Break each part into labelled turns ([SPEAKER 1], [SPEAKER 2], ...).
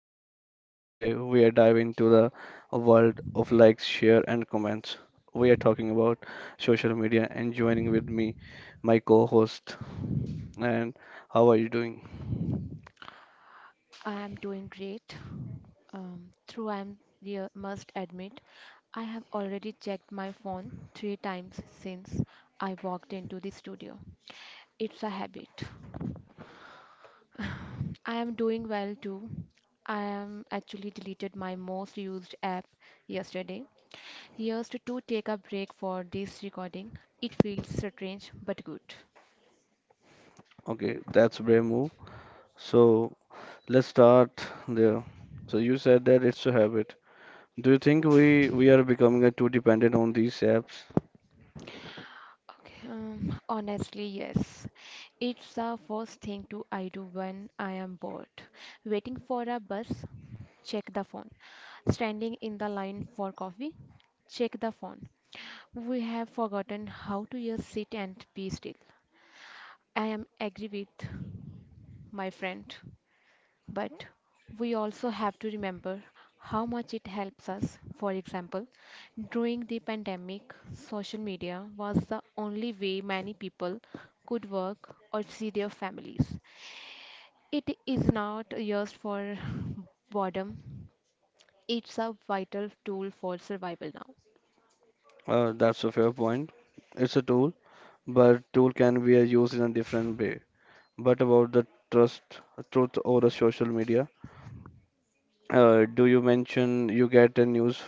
[SPEAKER 1] host, and today we are diving into the world of likes, share and comments. We are talking about social media and joining with me my co-host. And how are you doing?
[SPEAKER 2] I'm doing great. Through I'm real, must admit, I have already checked my phone three times since I walked into the studio. It's a habit. I am doing well too. I am actually deleted my most used app yesterday. Used to take a break for this recording. It feels strange but good.
[SPEAKER 1] Okay, that's brave move. So let's start there. So you said that it's a habit. Do you think we are becoming too dependent on these apps?
[SPEAKER 2] Okay, honestly, yes. It's the first thing to I do when I am bored. Waiting for a bus, check the phone. Standing in the line for coffee, check the phone. We have forgotten how to just sit and be still. I am agree with my friend. But we also have to remember how much it helps us. For example, during the pandemic, social media was the only way many people could work or see their families. It is not used for boredom, it's a vital tool for survival now.
[SPEAKER 1] That's a fair point. It's a tool, but tool can be used in a different way. But about the trust, truth over social media, do you mention you get a news,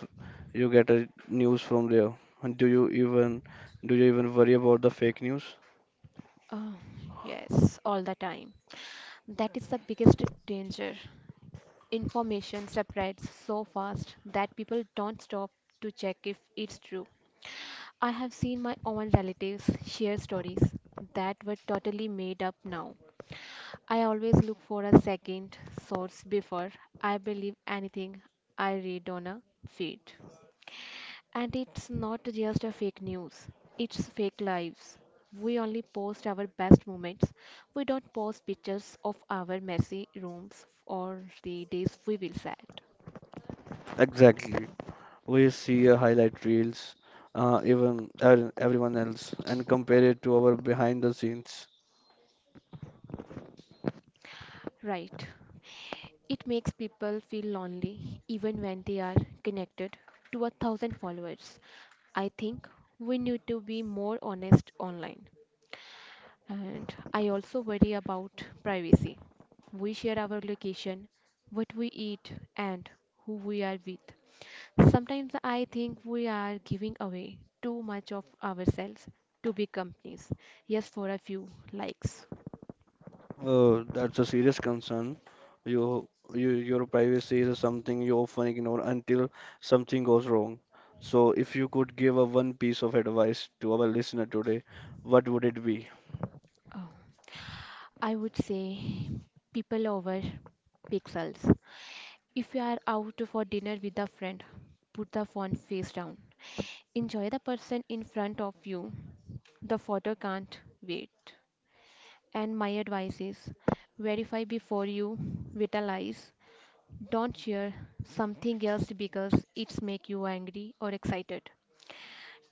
[SPEAKER 1] you get a news from there? And do you even worry about the fake news?
[SPEAKER 2] Uh, yes, all the time. That is the biggest danger. Information spreads so fast that people don't stop to check if it's true. I have seen my own relatives share stories that were totally made up now. I always look for a second source before I believe anything I read on a feed. And it's not just a fake news, it's fake lives. We only post our best moments. We don't post pictures of our messy rooms or the days we will sad.
[SPEAKER 1] Exactly. We see a highlight reels, even everyone else, and compare it to our behind the scenes.
[SPEAKER 2] Right. It makes people feel lonely even when they are connected to 1,000 followers. I think we need to be more honest online. And I also worry about privacy. We share our location, what we eat, and who we are with. Sometimes I think we are giving away too much of ourselves to big companies, just for a few likes.
[SPEAKER 1] That's a serious concern. You, your privacy is something you often ignore until something goes wrong. So, if you could give a one piece of advice to our listener today, what would it be?
[SPEAKER 2] Oh, I would say people over pixels. If you are out for dinner with a friend, put the phone face down. Enjoy the person in front of you. The photo can't wait. And my advice is verify before you vitalize. Don't share something else because it's make you angry or excited.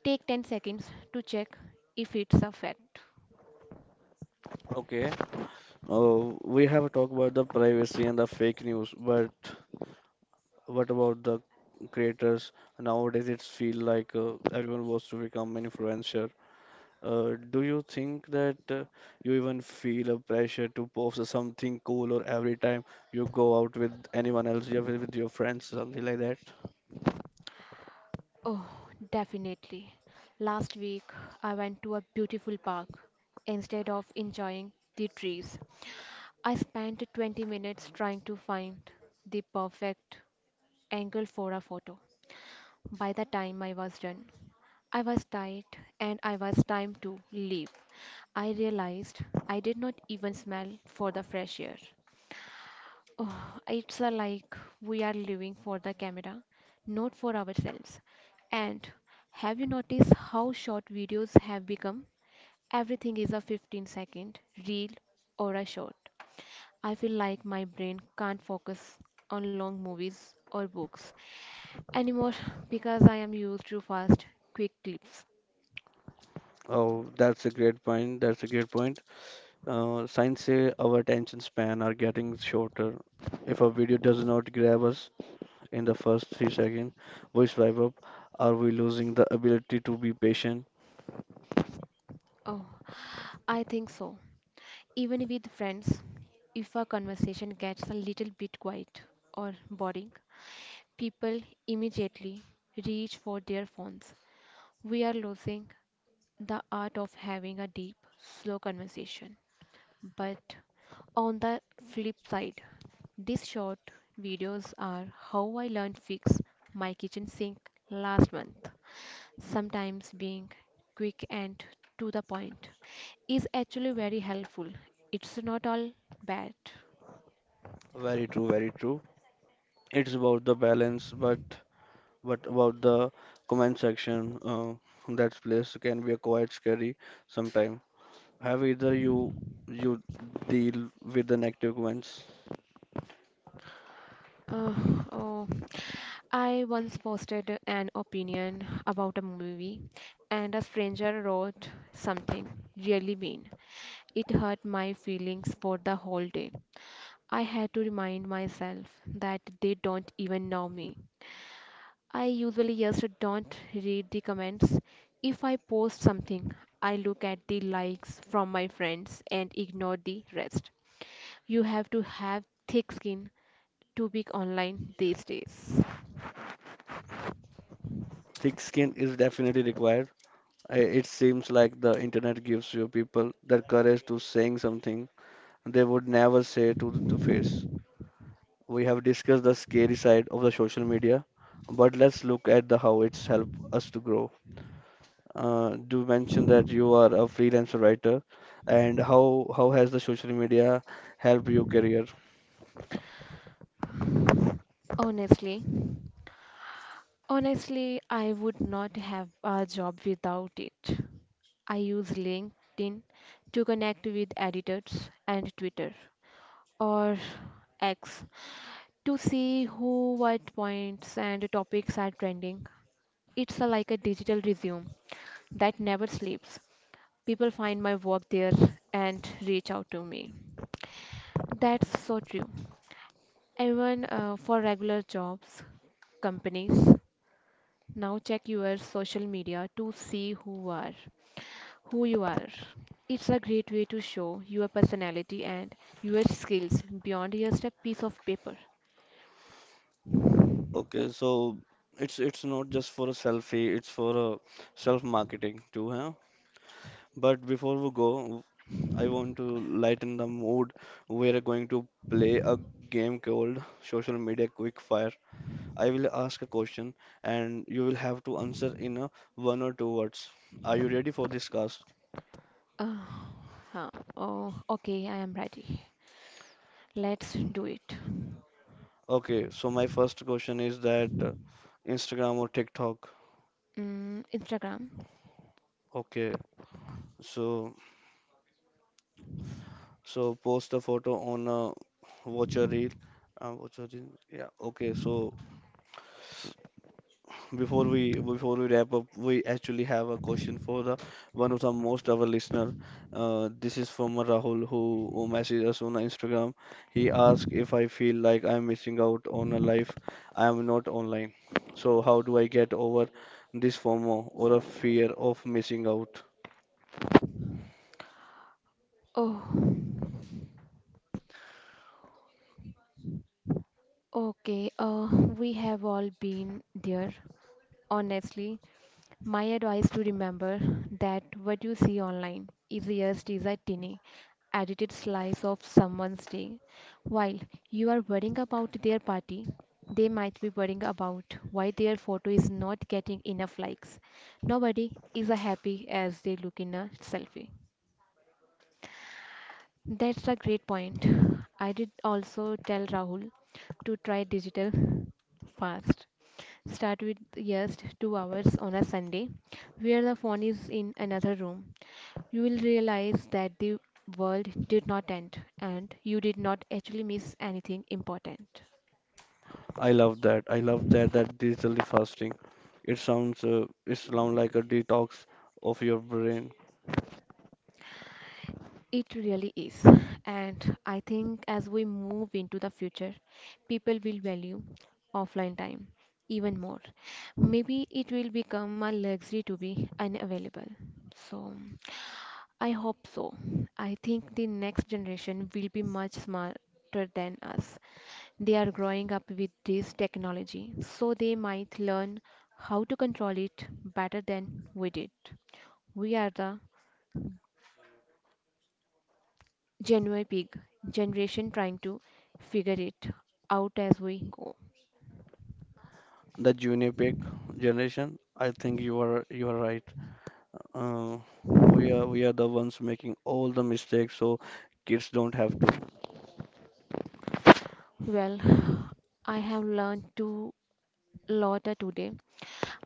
[SPEAKER 2] Take 10 seconds to check if it's a fact.
[SPEAKER 1] Okay. We have talked about the privacy and the fake news, but what about the creators? Nowadays, it feels like everyone wants to become an influencer. Do you think that you even feel a pressure to post something cool or every time you go out with anyone else, you with your friends, something like that?
[SPEAKER 2] Oh, definitely. Last week I went to a beautiful park instead of enjoying the trees. I spent 20 minutes trying to find the perfect angle for a photo. By the time I was done, I was tired and I was time to leave. I realized I did not even smell for the fresh air. Oh, it's a like we are living for the camera, not for ourselves. And have you noticed how short videos have become? Everything is a 15-second reel or a short. I feel like my brain can't focus on long movies or books anymore because I am used to fast, quick clips.
[SPEAKER 1] Oh, that's a great point. Science say our attention span are getting shorter. If a video does not grab us in the first 3 seconds, we swipe up. Are we losing the ability to be patient?
[SPEAKER 2] Oh, I think so. Even with friends, if a conversation gets a little bit quiet or boring, people immediately reach for their phones. We are losing the art of having a deep, slow conversation. But on the flip side, these short videos are how I learned fix my kitchen sink last month. Sometimes being quick and to the point is actually very helpful. It's not all bad.
[SPEAKER 1] Very true, It's about the balance, but what about the comment section? That place can be a quite scary sometime. Have either you deal with the negative comments?
[SPEAKER 2] Uh, oh, I once posted an opinion about a movie, and a stranger wrote something really mean. It hurt my feelings for the whole day. I had to remind myself that they don't even know me. I usually just don't read the comments. If I post something, I look at the likes from my friends and ignore the rest. You have to have thick skin to be online these days.
[SPEAKER 1] Thick skin is definitely required. It seems like the internet gives you people the courage to saying something they would never say to the face. We have discussed the scary side of the social media, but let's look at the how it's helped us to grow. Do mention that you are a freelancer writer, and how has the social media helped your career?
[SPEAKER 2] Honestly, honestly, I would not have a job without it. I use LinkedIn to connect with editors and Twitter. Or X to see who, what points and topics are trending. It's a, like a digital resume that never sleeps. People find my work there and reach out to me. That's so true. Even for regular jobs, companies now check your social media to see who are who you are. It's a great way to show your personality and your skills beyond just a piece of paper.
[SPEAKER 1] Okay, so it's not just for a selfie, it's for a self marketing too, huh? But before we go, I want to lighten the mood. We're going to play a game called Social Media Quickfire. I will ask a question and you will have to answer in a one or two words. Are you ready for this, cast?
[SPEAKER 2] Uh, huh. Oh, okay, I am ready. Let's do it.
[SPEAKER 1] Okay, so my first question is that Instagram or TikTok.
[SPEAKER 2] Mm, Instagram.
[SPEAKER 1] Okay, so post a photo on a watch a reel. Watch a reel. Yeah. Okay, so before we wrap up, we actually have a question for the one of the most our listener. This is from Rahul who messaged us on Instagram. He asked if I feel like I'm missing out on a life I am not online. So how do I get over this FOMO or a fear of missing out?
[SPEAKER 2] Oh, okay. We have all been there. Honestly, my advice to remember that what you see online is just is a tiny, edited slice of someone's day. While you are worrying about their party, they might be worrying about why their photo is not getting enough likes. Nobody is as happy as they look in a selfie. That's a great point. I did also tell Rahul to try digital fast. Start with just 2 hours on a Sunday where the phone is in another room. You will realize that the world did not end and you did not actually miss anything important.
[SPEAKER 1] I love that. I love that digitally fasting. It sounds like a detox of your brain.
[SPEAKER 2] It really is. And I think as we move into the future, people will value offline time even more. Maybe it will become a luxury to be unavailable. So I hope so. I think the next generation will be much smarter than us. They are growing up with this technology, so they might learn how to control it better than we did. We are the Genuine Pig generation trying to figure it out as we go.
[SPEAKER 1] The junior pig generation. I think you are right. Uh, we are the ones making all the mistakes, so kids don't have to.
[SPEAKER 2] Well, I have learned to lot today.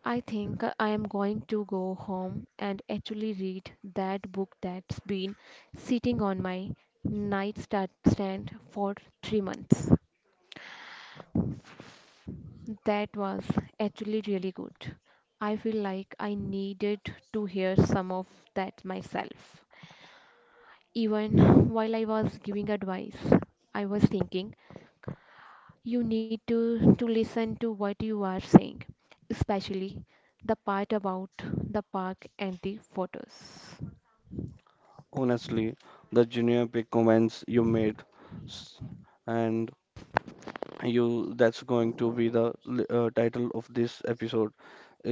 [SPEAKER 2] I think I am going to go home and actually read that book that's been sitting on my nightstand stand for 3 months. That was actually really good. I feel like I needed to hear some of that myself. Even while I was giving advice, I was thinking you need to listen to what you are saying, especially the part about the park and the photos.
[SPEAKER 1] Honestly, the junior big comments you made, s- and you that's going to be the title of this episode.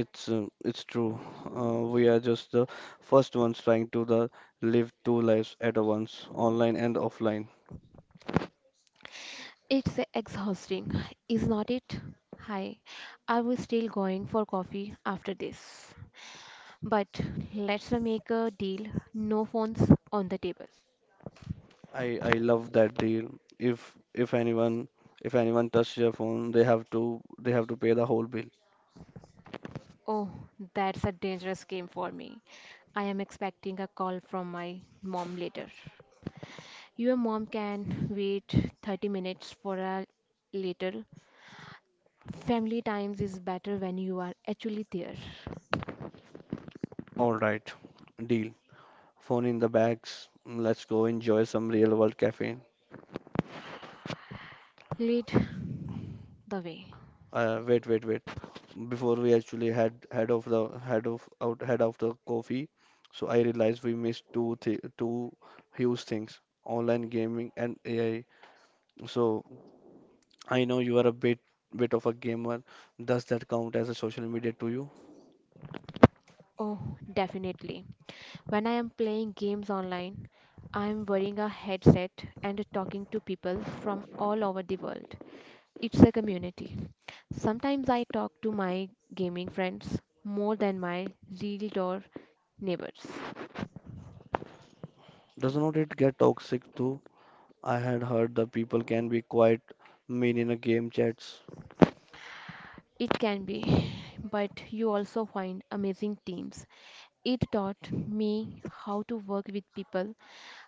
[SPEAKER 1] It's true. We are just the first ones trying to the live two lives at a once, online and offline.
[SPEAKER 2] It's exhausting, is not it? Hi, I was still going for coffee after this. But let's make a deal no phones on the table.
[SPEAKER 1] I love that deal. If if anyone touches your phone, they have to pay the whole bill.
[SPEAKER 2] Oh, that's a dangerous game for me. I am expecting a call from my mom later. Your mom can wait 30 minutes for a later. Family times is better when you are actually there.
[SPEAKER 1] All right, deal. Phone in the bags. Let's go enjoy some real world caffeine.
[SPEAKER 2] Lead the way.
[SPEAKER 1] Wait, wait, wait. Before we actually had head of the head of out head of the coffee, so I realized we missed two huge things: online gaming and AI. So I know you are a bit of a gamer. Does that count as a social media to you?
[SPEAKER 2] Oh, definitely. When I am playing games online, I am wearing a headset and talking to people from all over the world. It's a community. Sometimes I talk to my gaming friends more than my real door neighbors.
[SPEAKER 1] Does not it get toxic too? I had heard that people can be quite mean in a game chats.
[SPEAKER 2] It can be, but you also find amazing teams. It taught me how to work with people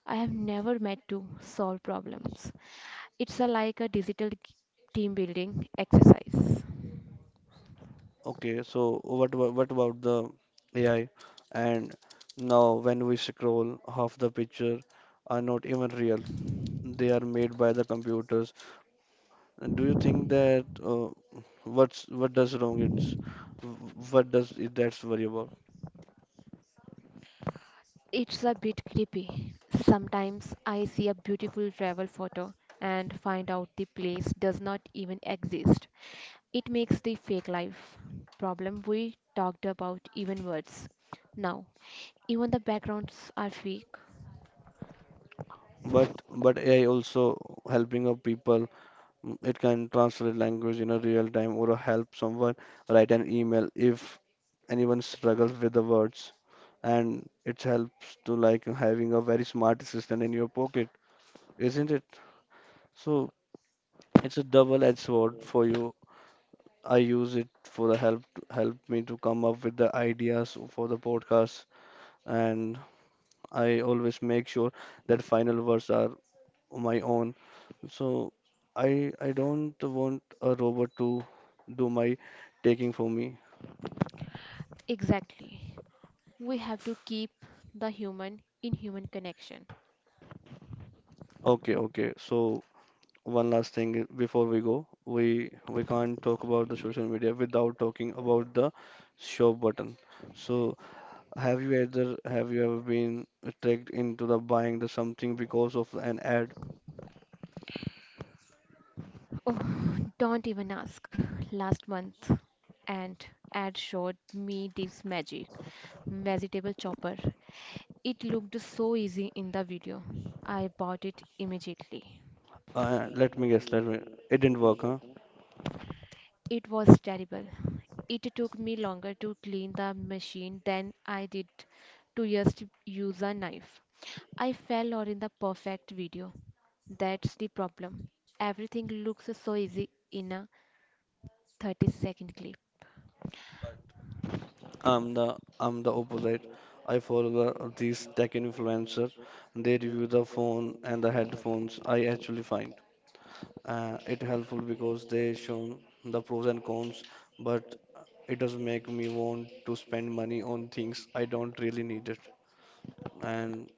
[SPEAKER 2] I have never met to solve problems. It's a, like a digital team building exercise.
[SPEAKER 1] Okay, so what about the AI? And now when we scroll, half the picture are not even real. They are made by the computers. And do you think that what does wrong? It's what does it that's worry about?
[SPEAKER 2] It's a bit creepy. Sometimes I see a beautiful travel photo and find out the place does not even exist. It makes the fake life problem we talked about even worse. Now, even the backgrounds are fake.
[SPEAKER 1] But AI also helping of people. Mm, it can translate language in a real time or help someone write an email if anyone struggles with the words. And it helps to like having a very smart assistant in your pocket, isn't it? So it's a double-edged sword for you. I use it for the help me to come up with the ideas for the podcast, and I always make sure that final words are my own. So I don't want a robot to do my taking for me.
[SPEAKER 2] Exactly. We have to keep the human in human connection.
[SPEAKER 1] Okay, So one last thing before we go, we can't talk about the social media without talking about the shop button. So have you either have you ever been tricked into the buying the something because of an ad?
[SPEAKER 2] Oh, don't even ask. Last month, an ad showed me this magic vegetable chopper. It looked so easy in the video. I bought it immediately.
[SPEAKER 1] Let me guess, let me it didn't work, huh?
[SPEAKER 2] It was terrible. It took me longer to clean the machine than I did to just use a knife. I fell or in the perfect video. That's the problem. Everything looks so easy in a 30-second clip.
[SPEAKER 1] I'm the opposite. I follow the, these tech influencer. They review the phone and the headphones. I actually find it helpful because they shown the pros and cons. But it does make me want to spend money on things I don't really need it. And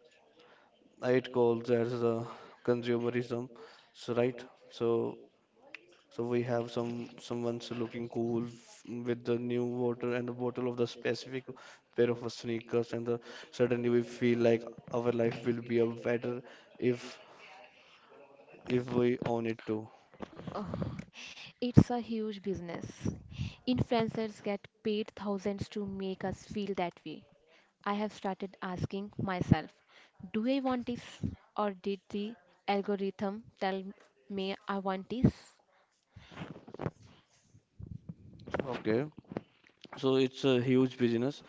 [SPEAKER 1] I'd call that as a consumerism. So right. So we have some someone's looking cool with the new water and a bottle of the specific pair of sneakers and the, suddenly we feel like our life will be a better if we own it too.
[SPEAKER 2] Oh, it's a huge business. Influencers get paid thousands to make us feel that way. I have started asking myself, do I want this or did the algorithm tell me I want this?
[SPEAKER 1] Okay. So it's a huge business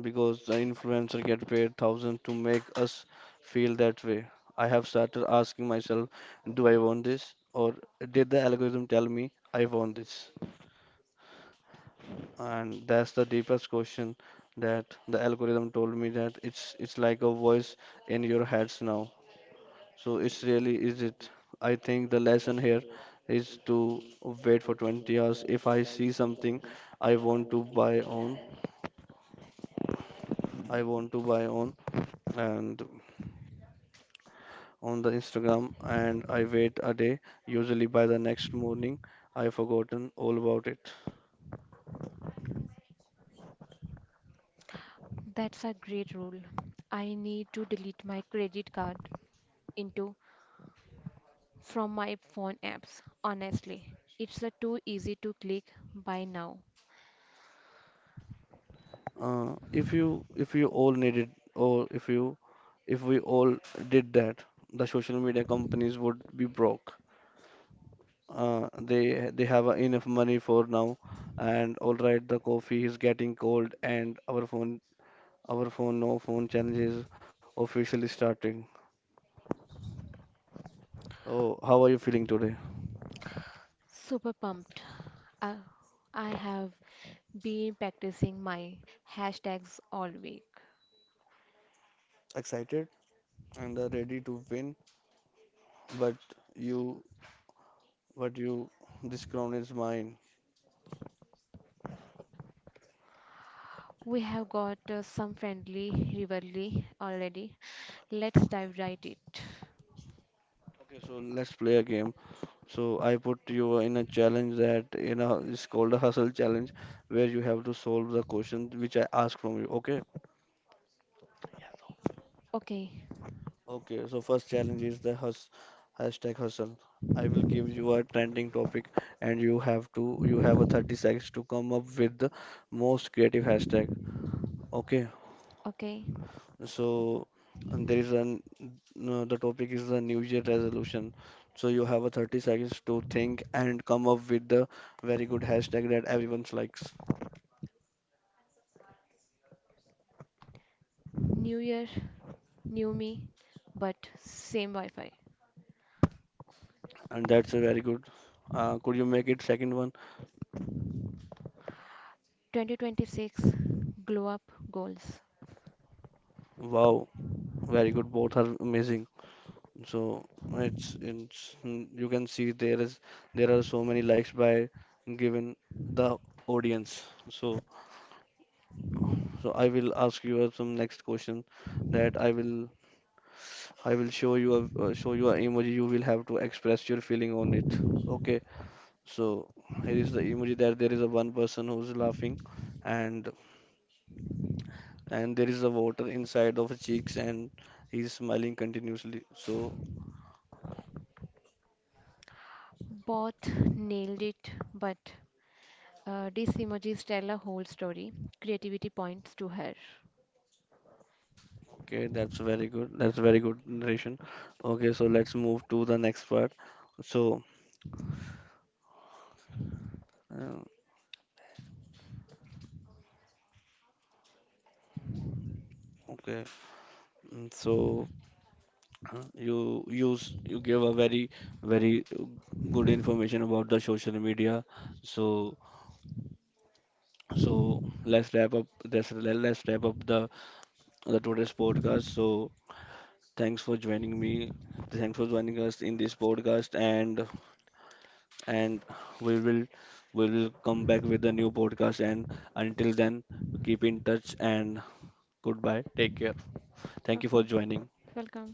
[SPEAKER 1] because the influencer get paid thousands to make us feel that way. I have started asking myself, do I want this? Or did the algorithm tell me I want this? And that's the deepest question, that the algorithm told me that it's like a voice in your heads now. So it's really is it? I think the lesson here is to wait for 20 hours. If I see something I want to buy on, I want to buy on and on the Instagram, and I wait a day. Usually by the next morning, I've forgotten all about it.
[SPEAKER 2] That's a great rule. I need to delete my credit card into from my phone apps. Honestly, it's a too easy to click buy now.
[SPEAKER 1] If you if you all need it or if you if we all did that, the social media companies would be broke. They have enough money for now, and all right, the coffee is getting cold, and our phone no phone challenge is officially starting. So how are you feeling today?
[SPEAKER 2] Super pumped. Uh, I have been practicing my hashtags all week.
[SPEAKER 1] Excited and ready to win? But you, but you, this crown is mine.
[SPEAKER 2] We have got some friendly rivalry already. Let's dive right it.
[SPEAKER 1] Okay, so let's play a game. So I put you in a challenge that you know it's called a hustle challenge, where you have to solve the question which I ask from you. Okay.
[SPEAKER 2] Okay,
[SPEAKER 1] Okay. So first challenge is the hus hashtag hustle. I will give you a trending topic, and you have a 30 seconds to come up with the most creative hashtag. Okay.
[SPEAKER 2] okay.
[SPEAKER 1] So and there is an no, the topic is the New Year resolution. So you have a 30 seconds to think and come up with the very good hashtag that everyone likes.
[SPEAKER 2] New year, new me, but same Wi-Fi.
[SPEAKER 1] And that's a very good. Could you make it second one?
[SPEAKER 2] 2026 glow up goals.
[SPEAKER 1] Wow, very good. Both are amazing. So you can see there are so many likes by given the audience. So I will ask you some next question that I will show you a show you an emoji. You will have to express your feeling on it. Okay. So here is the emoji that there is a one person who's laughing, and there is a water inside of his cheeks, and he's smiling continuously. So
[SPEAKER 2] Both nailed it, but these emojis tell a whole story. Creativity points to her.
[SPEAKER 1] okay, that's very good. That's very good narration. Okay, so let's move to the next part. So uh, okay, mm, so you use you give a very good information about the social media. So let's wrap up this. Let's wrap up the today's podcast. So thanks for joining me. Thanks for joining us in this podcast, and and we will we will come back with a new podcast. And until then, keep in touch and goodbye. Take care. Thank you for
[SPEAKER 2] Okay,
[SPEAKER 1] joining.
[SPEAKER 2] welcome.